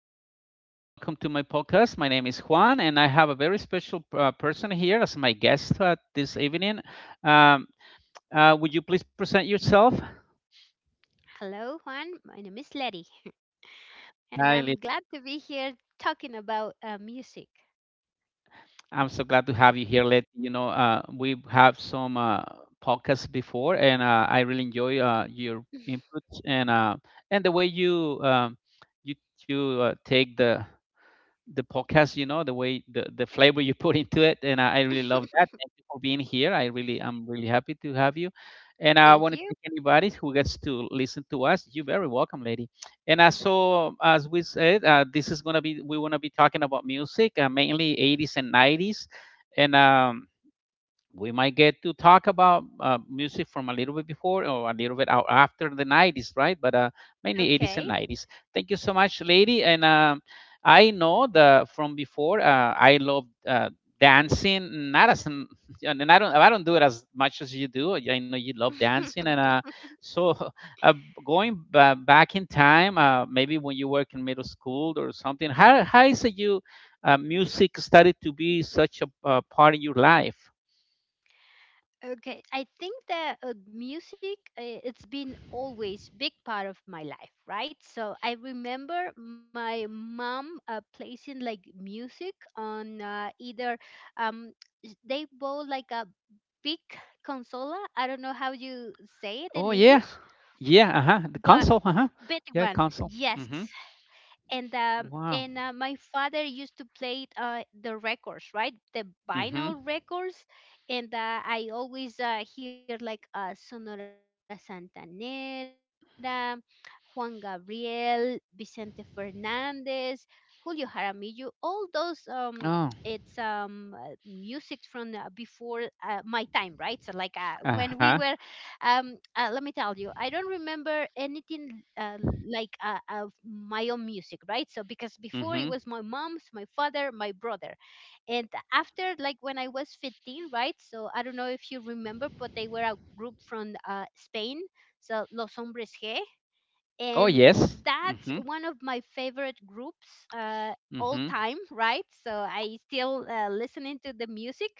Welcome to my podcast. My name is Juan, and I have a very special person here as my guest, this evening. Um, would you please present yourself? Hello, Juan. My name is Letty, Hi, Lit. and I'm glad to be here talking about music. I'm so glad to have you here, Lit. You know, we have some podcasts before, and I really enjoy your input, and the way you you take the podcast, you know, the way the flavor you put into it. And I really love that. Thank you for being here. I'm really happy to have you. And I want to thank Thank you. anybody who gets to listen to us. You're very welcome, lady. And, as so as we said, this is going to be — we want to be talking about music, mainly 80s and 90s. And we might get to talk about music from a little bit before or a little bit out after the 90s, right? But, mainly 80s and Okay. 90s. Thank you so much, lady. And I know, the from before, I love, dancing, not as m-, and I don't do it as much as you do. I know you love dancing, and so, uh, going back in time, maybe when you work in middle school or something, how is it you music started to be such a part of your life. Okay, I think that music it's been always big part of my life, right? So I remember my mom placing like music on either um they bought like a big consola. I don't know how you say it Oh in yeah, English, yeah. Uh huh. The but console. Uh huh. big Yeah, one. console. Yes, Mhm. and um Wow. and uh, my father used to play the records, right? The vinyl Mhm. records, and I always hear like Sonora Santanera, Juan Gabriel, Vicente Fernandez, Julio Jaramillo, all those Oh. it's music from before my time, right? So like Uh when huh. we were let me tell you, I don't remember anything like of my own music, right? So because before it Mhm. was my mom's, my father, my brother, and after, like when I was 15, right? So I don't know if you remember, but they were a group from Spain, so Los Hombres G, Oh and yes. that's Mhm. one of my favorite groups all Mhm. time, right? So I still listening to the music,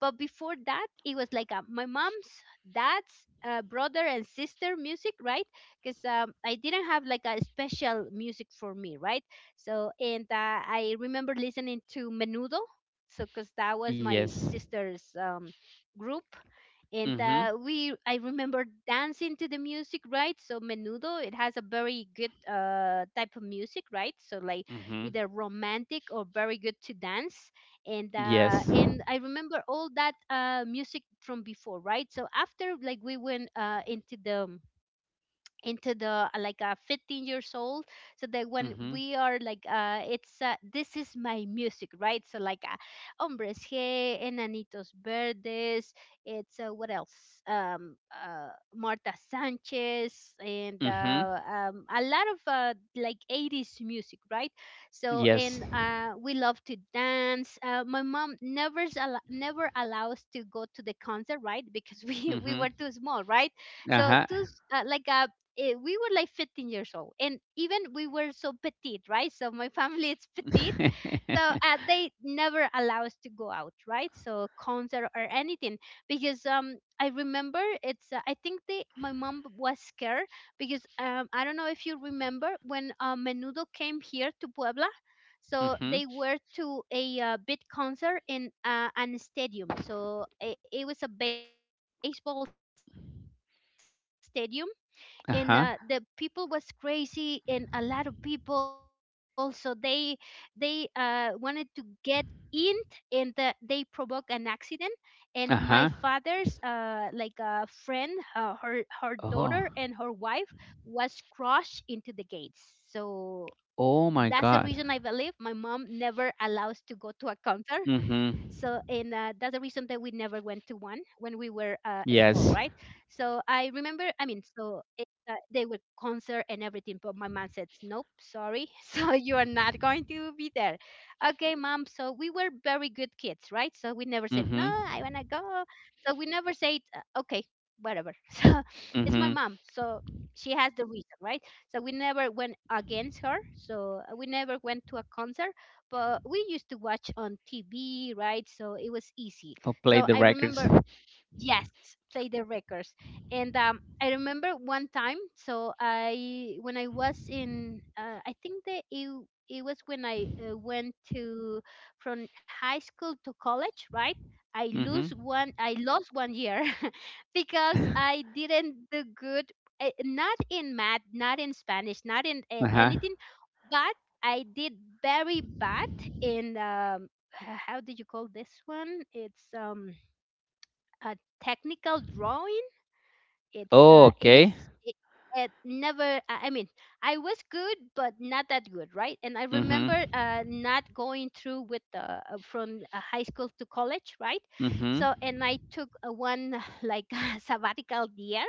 but before that it was like my mom's, dad's, brother and sister music, right? Because I didn't have like a special music for me, right? So and I remember listening to Menudo, so because that was my Yes. sister's group. And Mhm. We I remember dancing to the music, right? So Menudo, it has a very good type of music, right? So like, Mhm. either romantic or very good to dance. And uh, Yes. and I remember all that music from before, right? So after, like we went into the like 15 years old, so that when Mhm. we are like it's this is my music, right? So like Hombres G, Enanitos Verdes, it's what else, Marta Sanchez, and Mhm. A lot of like 80s music, right? So Yes. and uh, we love to dance. My mom never never allows to go to the concert, right? Because we we Mhm. were too small, right? Uh So huh. Like a we were like 15 years old, and even we were so petite, right? So my family is petite, so they never allow us to go out, right? So concert or anything, because um, I remember it's I think they my mom was scared because um, I don't know if you remember when Menudo came here to Puebla. So Mhm. they were to a big concert in an stadium, so it was a baseball stadium, and the people was crazy and Uh a lot huh. of people, so they wanted to get in, and they provoked an accident. And my father's like a friend, Uh her huh. her daughter and her wife was crushed into the Oh. gates. So that's the reason, I believe, my mom never Oh my allows to go God. to a concert. So, and that's the reason that we Mhm. never went to one when we were small, right? So I remember, Yes. I mean, so it, they were concert and everything, but my mom said, nope, sorry. So you are not going to be there. Okay, mom. So we were very good kids, right? So we never said, no, I Mhm. want to go. So we never said, okay, whatever." So it's my mom. Mhm. So she has the reason, right? So we never went against her. So we never went to a concert, but we used to watch on TV, right? So it was easy. Who played So the I records? remember, yes, play the records. And I remember one time, so I when I was in, I think that it was when I went to from high school to college, right? Mhm. I lost 1 year Uh because I didn't do good, not in math, not in Spanish, not in huh. anything, but I did very bad in h- how do you call this one? It's um, a technical drawing. It's Oh, it was okay. it, it never. I mean, I was good, but not that good, right? And I Mhm. remember not going through with the from high school to college, right? Mhm. So and I took one like sabbatical year.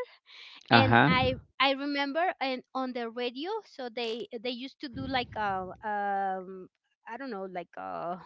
And Uh-huh. I remember, and on the radio, so they used to do like a um, I don't know, like a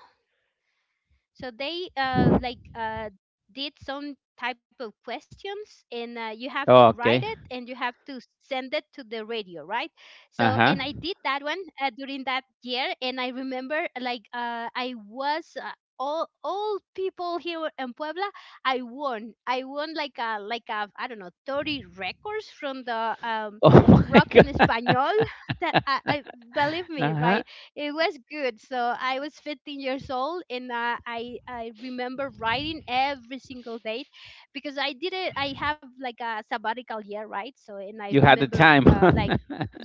so they did some type of questions, and you have Oh, to write okay. it and you have to send it to the radio, right? So Uh-huh. and I did that one during that year. And I remember like I was. All people here in Puebla, I won. I won like a I don't know, 30 records from the Oh my rock and god. español. That I, believe me, Uh-huh. right? It was good. So I was 15 years old, and I remember writing every single date, because I did it. I have like a sabbatical year, right? So and I You had the remember time. Like.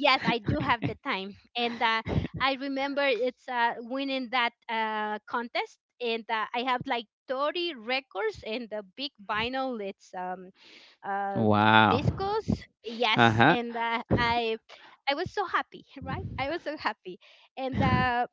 I do have the time, and I remember it's winning that contest, and I have like 30 records and the big vinyl. It's uh, Wow. discos. Yes, Uh-huh. and I was so happy, right? I was so happy, and uh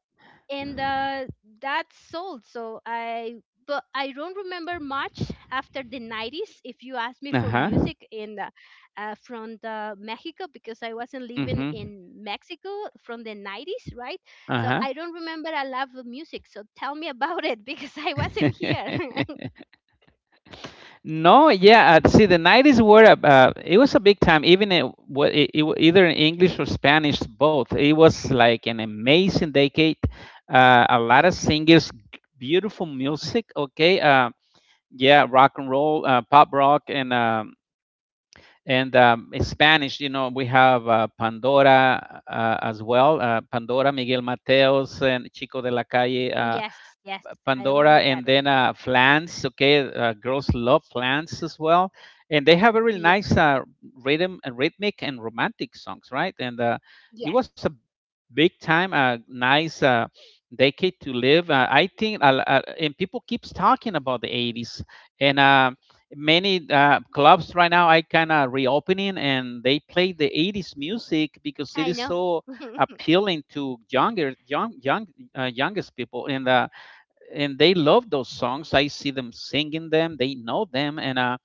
and that sold. So I, but I don't remember much after the 90s. If you ask me for Uh-huh. music in the, from the Mexico, because I wasn't living Mhm. in Mexico from the 90s, right? So Uh-huh. I don't remember a lot of music, so tell me about it, because I wasn't here. No, yeah. See, the 90s were a it was a big time. Even, it, wa- it wa- either in English or Spanish, both. It was like an amazing decade. A lot of singers, beautiful music. Okay, yeah, rock and roll, pop rock, and in Spanish, you know, we have Pandora, as well. Pandora, Miguel Mateos, and Chico de la Calle. Yes, yes. I Pandora, remember and that one. then Flans. Okay, girls love Flans as well, and they have a really Ye- nice, rhythm, rhythmic, and romantic songs, right? And, it yes. was a big time, a nice, decade to live. I think, and people keeps talking about the '80s, and many clubs right now I kind of reopening, and they play the '80s music because I it is know. so appealing to younger, young, young, youngest people, and they love those songs. I see them singing them. They know them, and uh,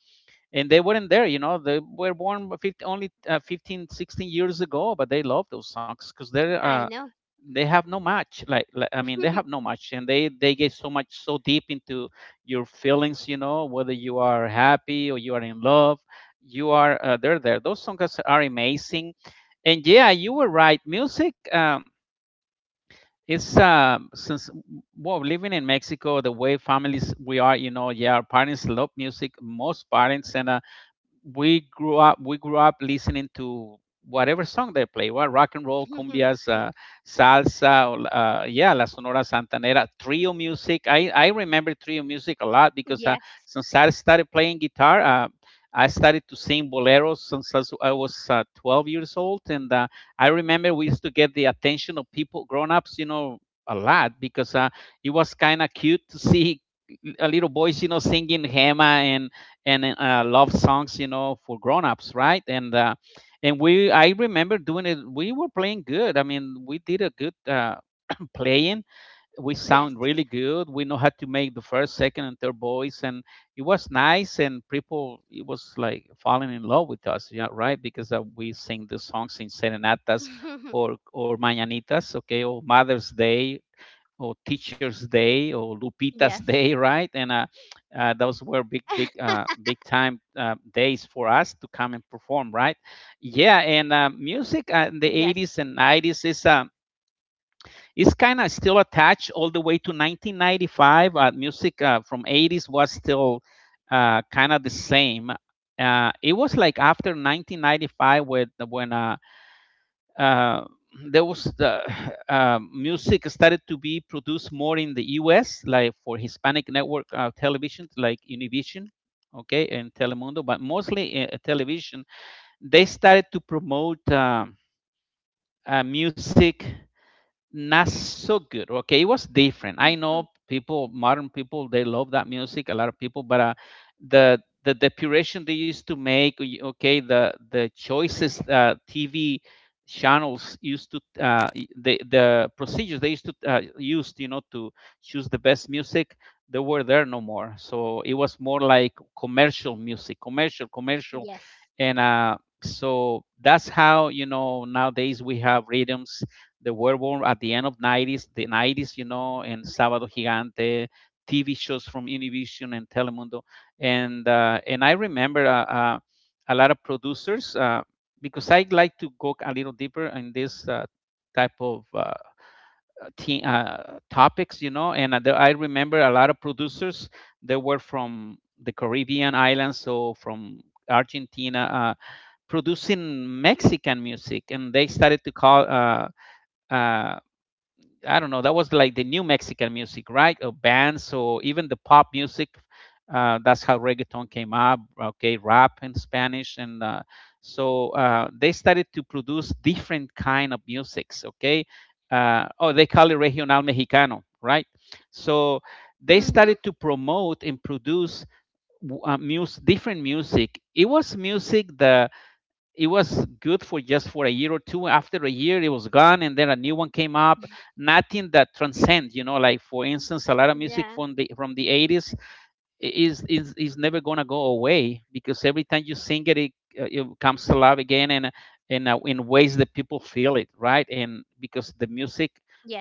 and they weren't there. You know, they were born 50, only 15, 16 years ago, but they love those songs because I know. they have no match. Like, I mean, they have no match, and they get so much, so deep into your feelings. You know, whether you are happy or you are in love, you are they're there. Those songs are amazing, and yeah, you were right. Music. It's since, well, living in Mexico, the way families we are, you know, yeah, our parents love music, most parents. And, we grew up listening to whatever song they play, what, rock and roll, cumbias, salsa, yeah, la Sonora Santanera, trio music. I remember trio music a lot because, Yes, since I started playing guitar, I started to sing boleros since I was 12 years old, and I remember we used to get the attention of people, grown-ups, you know, a lot because it was kind of cute to see a little boys, you know, singing Hema and love songs, you know, for grown-ups, right? I remember doing it. We were playing good. I mean, we did a good, playing. yes. We sound really good. We know how to make the first, second, and third voice, and it was nice. And people, it was like falling in love with us, yeah, right? Because we sing the songs in serenatas, or mañanitas, okay, or Mother's Day, or Teachers Day, or Yes. Lupita's Day, right? And those were big, big, big time, days for us to come and perform, right? Yeah, and music in the Yes. 80s and 90s is kind of still attached all the way to 1995. Music from 80s was still, kind of the same. It was like after 1995, with when, uh, there was the music started to be produced more in the US, like for Hispanic network, television, like Univision, okay, and Telemundo, but mostly television. They started to promote, music not so good. Okay, it was different. I Hmm. know people, modern people, they love that music. A lot of people, but the the puration they used to make. Okay, the choices, TV channels used to, the procedures they used to use, you know, to choose the best music. They were there no more. So it was more like commercial music, commercial, commercial, Yes. and so that's how, you know, nowadays we have rhythms they were born at the end of 90s, the 90s, you know, and Sábado Gigante, TV shows from Univision and Telemundo, and I remember, a lot of producers, because I like to go a little deeper in this, type of, topics, you know. And, I remember a lot of producers that were from the Caribbean islands, so from Argentina, producing Mexican music, and they started to call. Uh, I don't know. That was like the new Mexican music, right? Or bands, or even the pop music. That's how reggaeton came up. Okay, rap in Spanish, and so they started to produce different kind of musics. Okay, oh, they call it regional mexicano, right? So Mhm. they started to promote and produce, different music. It was music that it was good for just for a year or two. After a year it was gone, and then a new one came up, nothing that transcends, you know, like for instance a lot of music Yeah. from the 80s is never gonna go away because every time you sing it, it comes to life again, and in ways that people feel it, right? And because the music, Yes.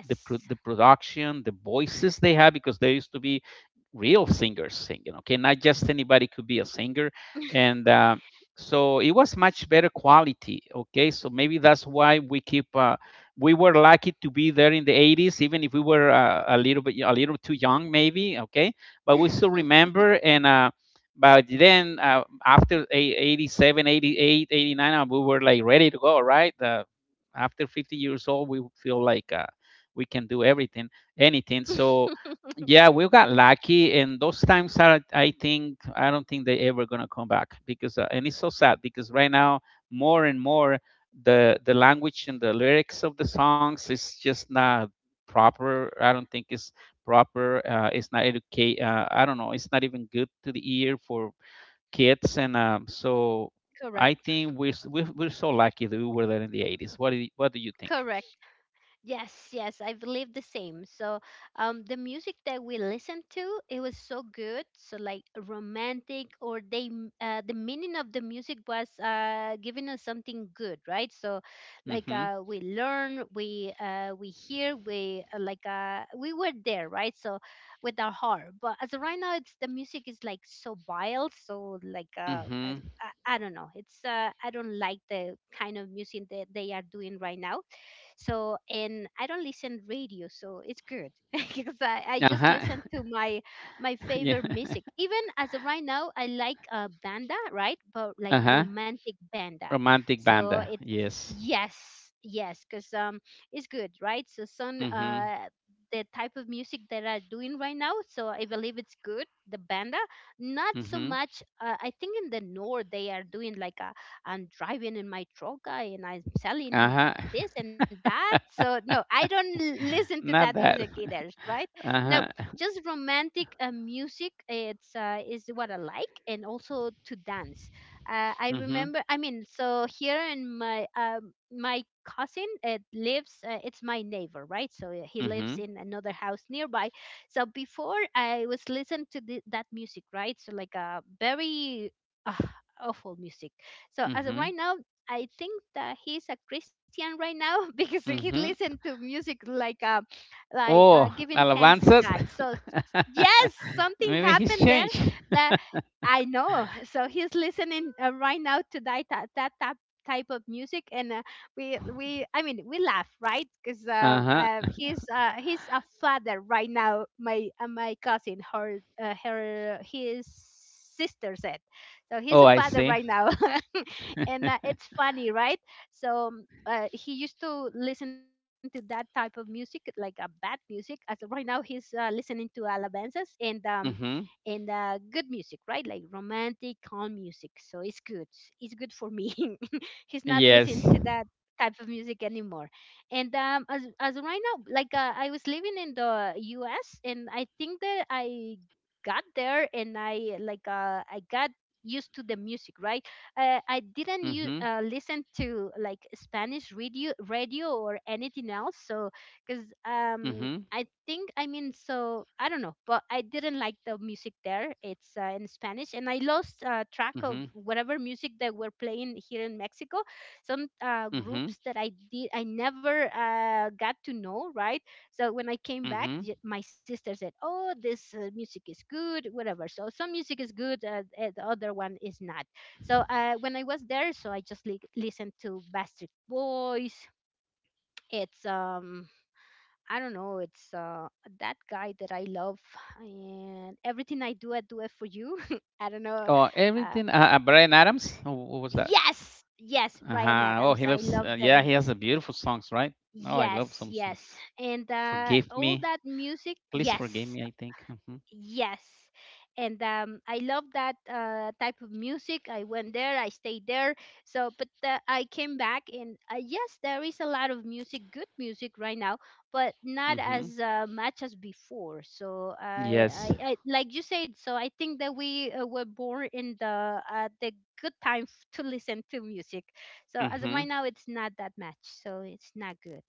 the production, the voices they have, because there used to be real singers singing, okay, not just anybody could be a singer, and so it was much better quality, okay. So maybe that's why we keep. We were lucky to be there in the 80s, even if we were, a little too young, maybe. Okay, but we still remember. And, by then, after 87, 88, 89, we were like ready to go, right? After 50 years old, we feel like we can do everything, anything. So, yeah, we got lucky, and those times are, I think, I don't think they ever gonna come back because, and it's so sad because right now, more and more, the language and the lyrics of the songs is just not proper. I don't think it's proper. It's not educate. I don't know. It's not even good to the ear for kids. And, so Correct. I think we're so lucky that we were there in the 80s. What do you think? Correct. Yes, yes, I believe the same. So, the music that we listened to, it was so good. So, like romantic, or they, the meaning of the music was giving us something good, right? So, like Mhm. We learn, we hear, we were there, right? So, with our heart. But as of right now, it's the music is like so wild. So, like Mhm. I I don't know. It's I don't like the kind of music that they are doing right now. So and I don't listen radio, so it's good because I just Uh-huh. listen to my favorite yeah. music. Even as of right now, I like banda, right? But like Uh-huh. romantic banda. Romantic So banda. it's, Yes. yes, yes, because um, it's good, right? So some Mhm. uh, the type of music that are doing right now. So I believe it's good. The banda, not so Mhm. much. I think in the north they are doing like a, and driving in my truck and I'm selling Uh-huh. this and that. So no, I don't listen to that Not music that. either, right? No, Uh-huh. just romantic music. It's is what I like, and also to dance. I Mhm. remember. I mean, so here in my my cousin it lives it's my neighbor, right? So yeah, he lives Mhm. in another house nearby. So before I was listening to that music, right? So like a very uh, awful music. So as of Mhm. right now, I think that he's a Christian right now because he Mhm. listened to music like Oh, giving thanks to alabanzas. God. Yes, something Maybe he's happened there changed. that I know. So he's listening right now to that type of music. And we I mean, we laugh, right? Because Uh-huh. He's a father right now. My my cousin, her his sister said, so he's Oh, a I father see. right now. And it's funny, right? So he used to listen to that type of music, like a bad music. As of right now, he's listening to alabanzas, Mm-hmm. and good music, right? Like romantic, calm music. So it's good. It's good for me. He's not listening Yes. to that type of music anymore. And as of right now, like I was living in the U.S. And I think that I got there, and I like I got used to the music, right? I didn't Mm-hmm. Listen to like Spanish radio or anything else, so because Mm-hmm. I think, I mean, so I don't know, but I didn't like the music there. It's in Spanish, and I lost track Mm-hmm. of whatever music that were playing here in Mexico. Some Mm-hmm. groups that I never got to know, right? So when I came back, Mm-hmm. My sister said, "Oh, this music is good, whatever." So some music is good, the other one is not. So when I was there, so I just listened to Bastard Boys. It's I don't know, it's that guy that I love, and everything I do it for you. I don't know. Oh, Uh, everything. Brian Adams. Oh, what was that? yes, yes, Ryan Uh-huh. Oh, Adams. he I loves. love Yeah, them. he has a beautiful songs, right? Oh, I love Yes, some. Song. yes, and Forgive all me, that music. please forgive Yes, me. I think. Mm-hmm. yes. And I love that type of music. I went there, I stayed there. So, but I came back, and yes, there is a lot of music, good music right now, but not Mm-hmm. as much as before. So, Yes. I, like you said, so I think that we were born in the good time to listen to music. So, as of Mm-hmm. right now, it's not that much. So, it's not good.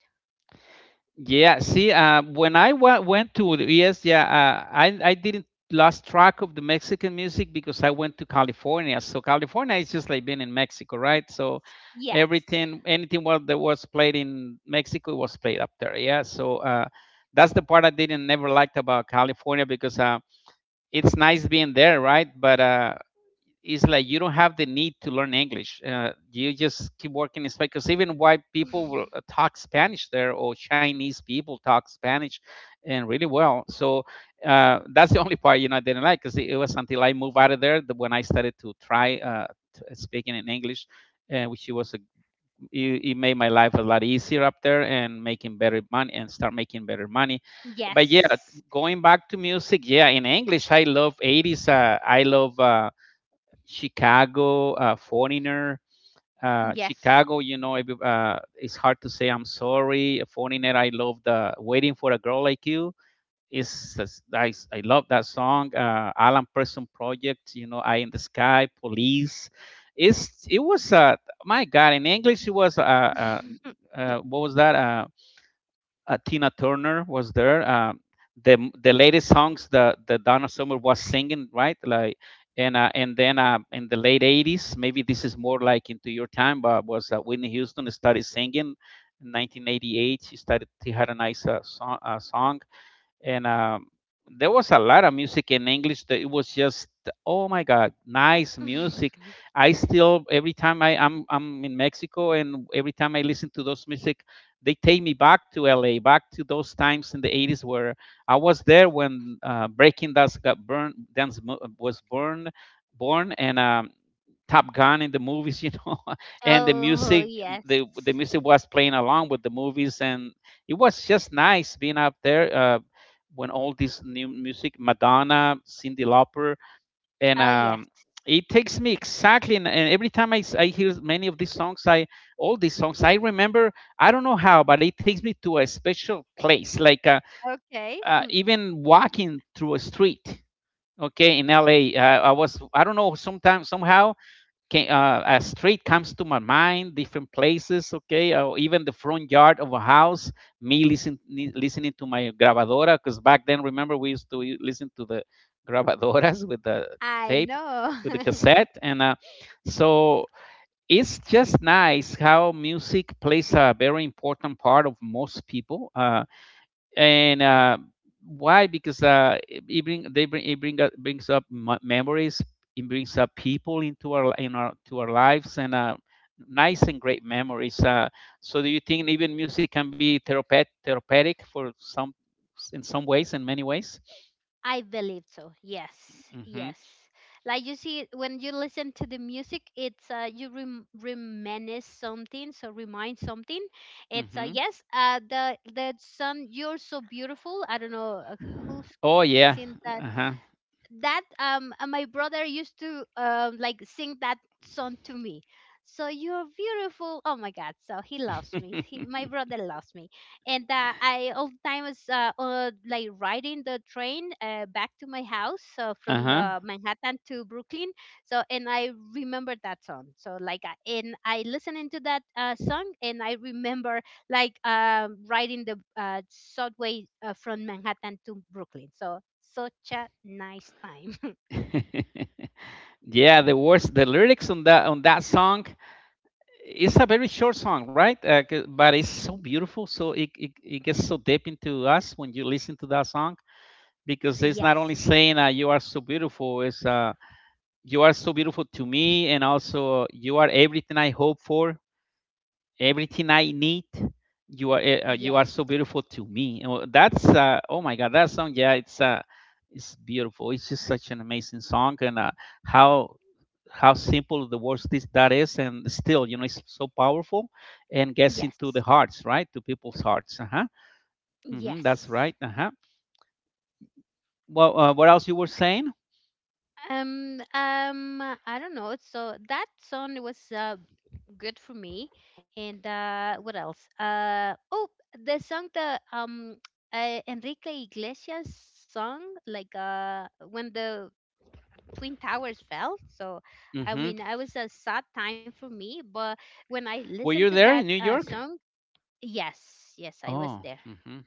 Yeah, see, when I went to, yes, yeah, I didn't lost track of the Mexican music because I went to California. So California is just like being in Mexico, right? So Yes. everything, anything what that was played in Mexico was played up there. Yeah, so that's the part I didn't never liked about California because it's nice being there, right? But it's like you don't have the need to learn English. You just keep working in Spanish. Because even white people will talk Spanish there, or Chinese people talk Spanish, and really well. So that's the only part I didn't like. Because it was until I moved out of there that when I started to try speaking in English, which it was it made my life a lot easier up there and making better money and start making better money but yeah, Yes. going back to music, yeah, in English, I love 80s, I love Chicago, Foreigner, Yes. chicago you know every- it's hard to say. I'm sorry, Foreigner. I love the "Waiting for a Girl Like You". Is I I love that song. Alan Person Project, you know, "Eye in the Sky". Police. It's it was my god In English, it was what was that? Tina Turner was there. The latest songs that the Donna Summer was singing, right? Like, and then in the late 80s, maybe this is more like into your time, but was Whitney Houston started singing in 1988. She started she had a nice song. And there was a lot of music in English that it was just, oh my God, nice music. I still every time I'm in Mexico, and every time I listen to those music, they take me back to LA, back to those times in the 80s where I was there when Breaking Dance got burned, was born and Top Gun in the movies, you know, and the Oh, music, yes. the music was playing along with the movies, and it was just nice being up there. When all this new music, Madonna, Cindy Lauper, and Oh, yes. it takes me exactly. And every time I hear many of these songs, I, all these songs I remember. I don't know how, but it takes me to a special place, like Okay. Even walking through a street. Okay, in LA, I was, I don't know, sometimes somehow can, a street comes to my mind, different places, okay, or even the front yard of a house. Me listen, listening to my grabadora, because back then, remember, we used to listen to the grabadoras with the I tape, know. with the cassette, and so it's just nice how music plays a very important part of most people. And Why? Because it, it bring they bring it bring up, brings up memories. It brings up people into our in our to our lives, and nice and great memories. So do you think even music can be therapeutic for some, in some ways, in many ways? I believe so. Yes. Yes. Mm-hmm. Like you see, when you listen to the music, it's you reminisce something, so remind something. It's Mm-hmm. yes, the song "You're So Beautiful." I don't know who's Oh yeah. seen that. Uh-huh. That, my brother used to like sing that song to me. So "you're beautiful," oh my god, so he loves me, my brother loves me. And I all the time was like riding the train back to my house, so from Uh-huh. the Manhattan to Brooklyn. So and I remember that song, so like I listening to that song, and I remember like riding the subway from Manhattan to Brooklyn. So such a nice time. Yeah, the words, the lyrics on that song, it's a very short song, right? But it's so beautiful. So it gets so deep into us when you listen to that song, because it's Yes, not only saying, you are so beautiful, it's you are so beautiful to me, and also you are everything I hope for, everything I need. You are you are yes, so beautiful to me. Oh, that's oh my God, that song. Yeah, it's beautiful. It's just such an amazing song, and how how simple the words this that is, and still, you know, it's so powerful and gets into yes, the hearts, right, to people's hearts. Uh huh. Hmm, that's yes. right. Uh huh. Well, what else you were saying? I don't know. So that song was good for me. And what else? Oh, the song, the Enrique Iglesias song, like when the Twin Towers felt. So, I Mm-hmm. mean, it was a sad time for me. But when I Were listened to you that there in New York? song, yes, yes, I was Oh. there. Mm-hmm.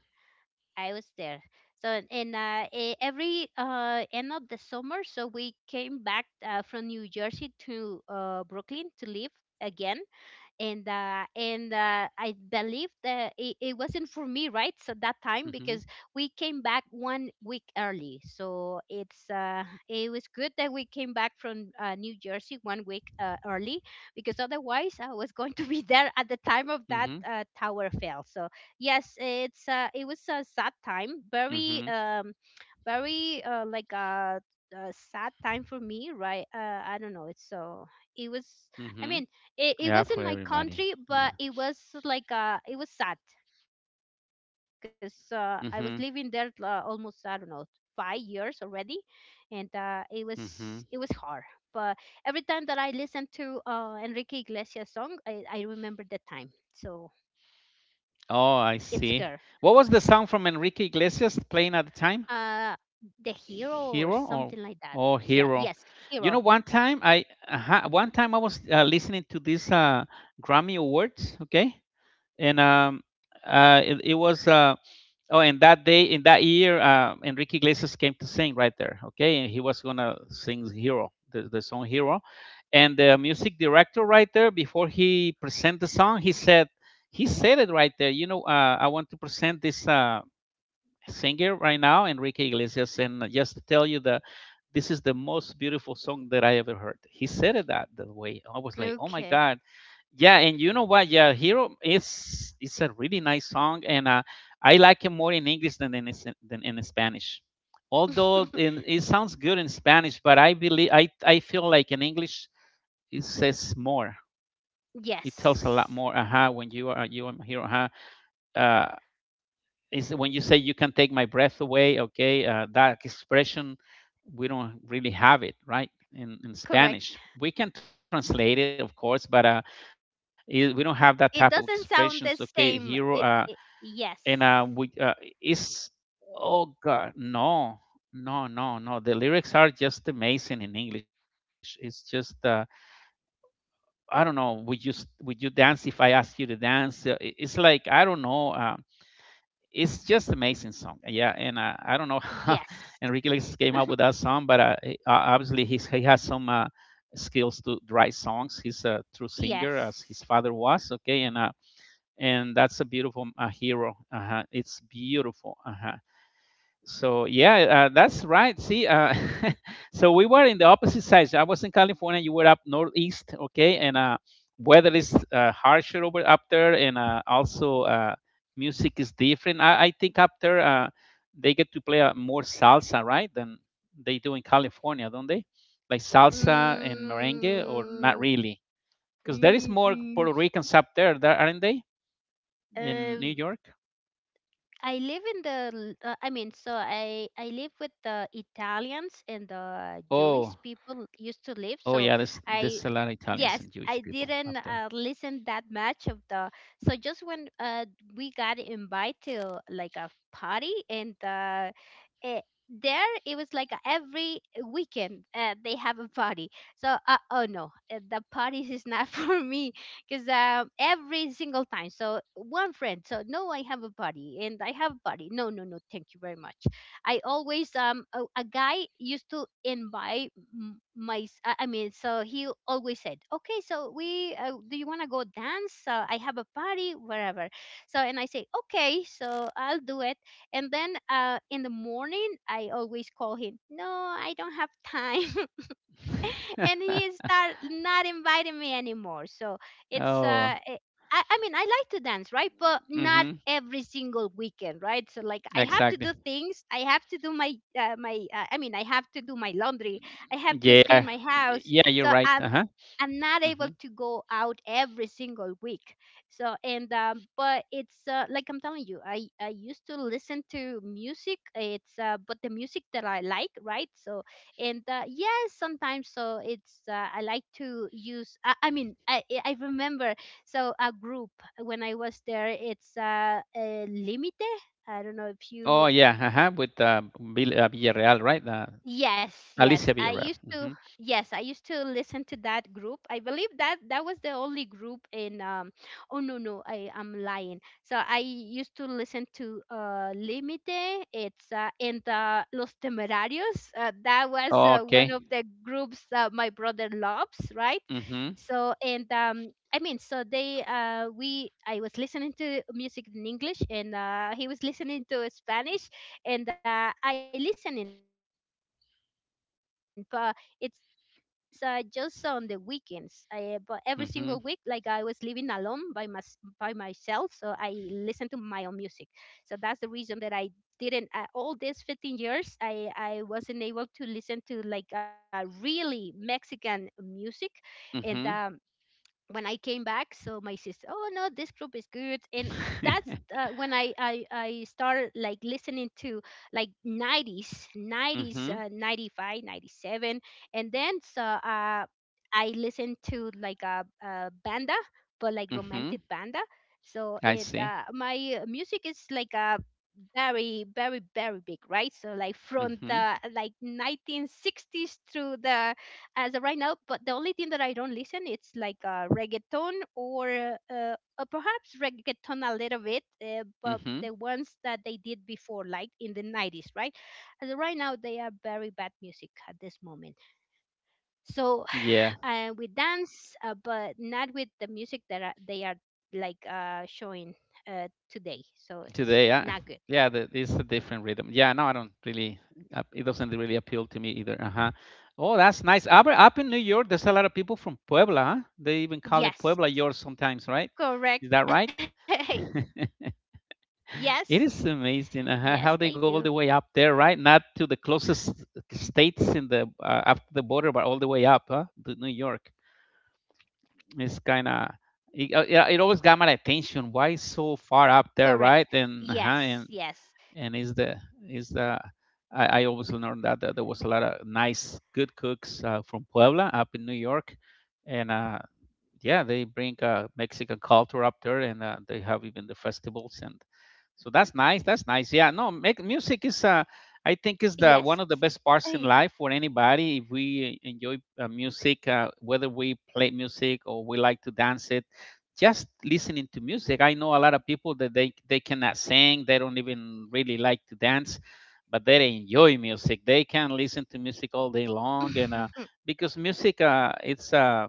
I was there. So, and every end of the summer, so we came back from New Jersey to Brooklyn to live again, and I believe that it wasn't Mm-hmm. for me, right? So that time, because we came back one week early, so it was good that we came back from New Jersey one week early, because otherwise I was going to be there at Mm-hmm. the time of that tower fell, so yes, it was a sad Mm-hmm. time, very very like a sad time for me, right? I don't know, it's so it was, Mm-hmm. I mean, Yeah, it, for it was in my everybody. country, Yeah. but it was like it was sad because I was living there Mhm, almost, I don't know, 5 years already, and it was hard. mhm. But every time that I listen to Enrique Iglesias song, I remember the time, so it's Oh, I girl, see. What was the song from Enrique Iglesias playing at the time? uh the Hero, or Hero something like or, that. oh, Yeah, yes, Hero? Hero. You know, one time I was listening to this Grammy Awards, okay, and it was Oh, and that day, in that year, Enrique Iglesias came to sing right there. Okay, and he was gonna sing "Hero," the song "Hero," and the music director right there, before he present the song, he said it right there. You know, I want to present this singer right now, Enrique Iglesias, and just to tell you that this is the most beautiful song that I ever heard. He said it that way. I was like, oh my Okay. God, yeah, and you know what? Yeah, Hero is, it's a really nice song, and I like it more in English than in than in Spanish. Although in, it sounds good in Spanish, but I believe I feel like in English it says more. It tells a lot Yes, more. Aha, when you are, you are Hero. Aha, uh, is when you say you can take my breath away, okay, that expression we don't really have it right correct, in Spanish. We can translate it, of course, but we don't have that it type of doesn't sound the expressions. Okay, same, Hero. it, it And yes. We, it's Oh God, no. The lyrics are just amazing in English. It's just I don't know, would you would you dance if I ask you to dance? It's like I don't know, it's just amazing song. Yeah, and I don't know Yes. how Enrique Iglesias came up with that song, but obviously he has some skills to write songs. He's a true singer, Yes. as his father was. Okay, and that's a beautiful Hero. Uh-huh. It's beautiful. Uh-huh. So yeah, that's right. See, so we were in the opposite sides. I was in California, you were up northeast, okay, and weather is harsher over up there, and also music is different. I think up there they get to play more salsa, right, than they do in California, don't they? Like salsa and merengue, or not Mm, really? Because there is mm, more mm, Puerto Ricans up there, there aren't they? In um, New York? I live in the, I mean, so I live with the Italians and the Jewish Oh. people used to live. So, Oh yeah, there's I a lot of yes, Italians and I Jewish people didn't up there. listen that much of the, so just when we got invited to like a party, and eh, there it was like every weekend they have a party. So oh no, the parties is not for me, because every single time, so one friend, so no, I have a party, and I have a party, no, no, no, thank you very much. I always a guy used to invite I mean, so he always said, okay, so we do you want to go dance? I have a party wherever. So, and I say, okay, so I'll do it, and then in the morning I always call him, no, I don't have time, and he is start not inviting me anymore, so it's Oh, I mean I like to dance, right? But not mm-hmm, every single weekend, right? So like I have to do exactly. things, I have to do my my I mean, I have to do my laundry, I have to Yeah, clean my house, yeah, you're so right. Uh i'm huh. i'm not able Hmm. to go out every single week. So, and but it's like I'm telling you, I used to listen to music, it's but the music that I like, right? So and yes, sometimes, so it's I like to use, I mean, I remember, so a group when I was there, it's Limite, I don't know if Oh you. yeah, uh huh. With Villarreal, right? Yes, yes. Alicia I Villarreal. used to Mm-hmm. Yes, I used to listen to that group. I believe that that was the only group in, oh no, no, I am lying. So I used to listen to Limite, it's and Los Temerarios. That was one of Okay. the groups my brother loves, right? Mm-hmm. So, and I mean, so I was listening to music in English, and he was listening to Spanish, and I listening. It's just on the weekends. But every single week, like I was living alone by myself, Mm-hmm. so I listen to my own music. So that's the reason that I didn't, all these 15 years I wasn't able to listen to like a really Mexican music. And when I came back, Mm-hmm. so my sister, oh no, this group is good, and that's when I started like listening to like 90s, 95, Mm-hmm. 97, and then so I listened to like a banda, but like romantic banda. Mm-hmm. So it I see. my music is like a very, very, very big, right? So like from the, Mm-hmm. like, 1960s through the as of right now, but the only thing that I don't listen, it's like reggaeton, or perhaps reggaeton a little bit, but Mm-hmm. the ones that they did before, like in the 90s, right? As of right now they are very bad music at this moment, so Yeah. We dance but not with the music that they are like showing today, so it's Today, I, not good. yeah, the, it's a different rhythm. Yeah, no, I don't really. It doesn't really appeal to me either. Uh huh. Oh, that's nice. Up in New York, there's a lot of people from Puebla. Huh? They even call it Yes, Puebla yours sometimes, right? Is correct. that right? Yes, It yes, is they do. amazing how they go all the way up there, right? Not to the closest states in the after the border, but all the way up, huh, to New York. It's kind of yeah, it always got my Correct. attention. Why so Yes, far yes, up there, right? And is the I always learned that, that there was a lot of nice good cooks from Puebla up in New York, and yeah, they bring Mexican culture up there, and they have even the festivals, and so that's nice. That's nice. Yeah, no, music is yes. I think is the Ay. one of the best parts in life for anybody. If we enjoy music, whether we play music or we like to dance it, just listening to music. I know a lot of people that they cannot sing, they don't even really like to dance, but they enjoy music. They can listen to music all day long, and because music,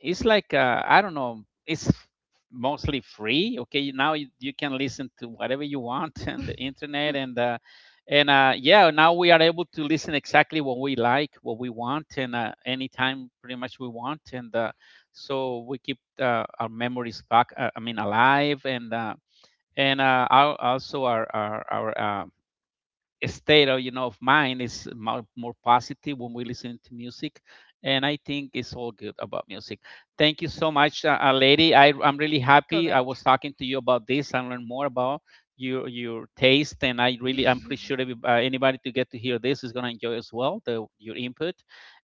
it's like I don't know. It's mostly free. Okay, now you can listen to whatever you want on the internet, and yeah, now we are able to listen exactly what we like, what we want, and anytime pretty much we want, and so we keep our memories back. I mean, alive, and our, also our state of, you know, of mind is more positive when we listen to music, and I think it's all good about music. Thank you so much, lady. I'm Correct. really happy I was talking to you about this and learn more about your taste, and I really, I'm pretty sure anybody to get to hear this is going to enjoy as well your input.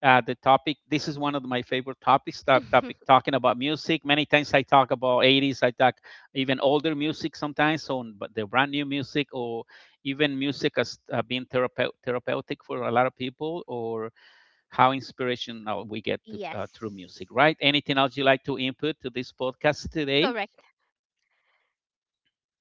The topic, this is one of my favorite topics, topic talking about music. Many times I talk about 80s, I talk even older music sometimes. So but the brand new music, or even music as being therapeutic for a lot of people, or how inspirational we get to, Yes. Through music, right? Anything else you like to input to this podcast today? Correct.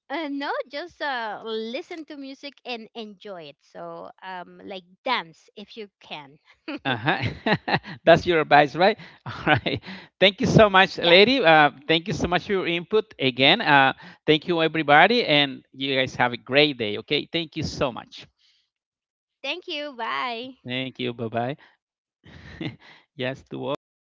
No, just listen to music and enjoy it. So, like, dance if you can. Uh-huh. That's your advice, right? All right. Thank you so much, lady. Yes. Thank you so much for your input again. Thank you, everybody. And you guys have a great day, okay? Thank you so much. Thank you. Bye. Thank you. Bye bye. Ya estuvo. Ok, ya no le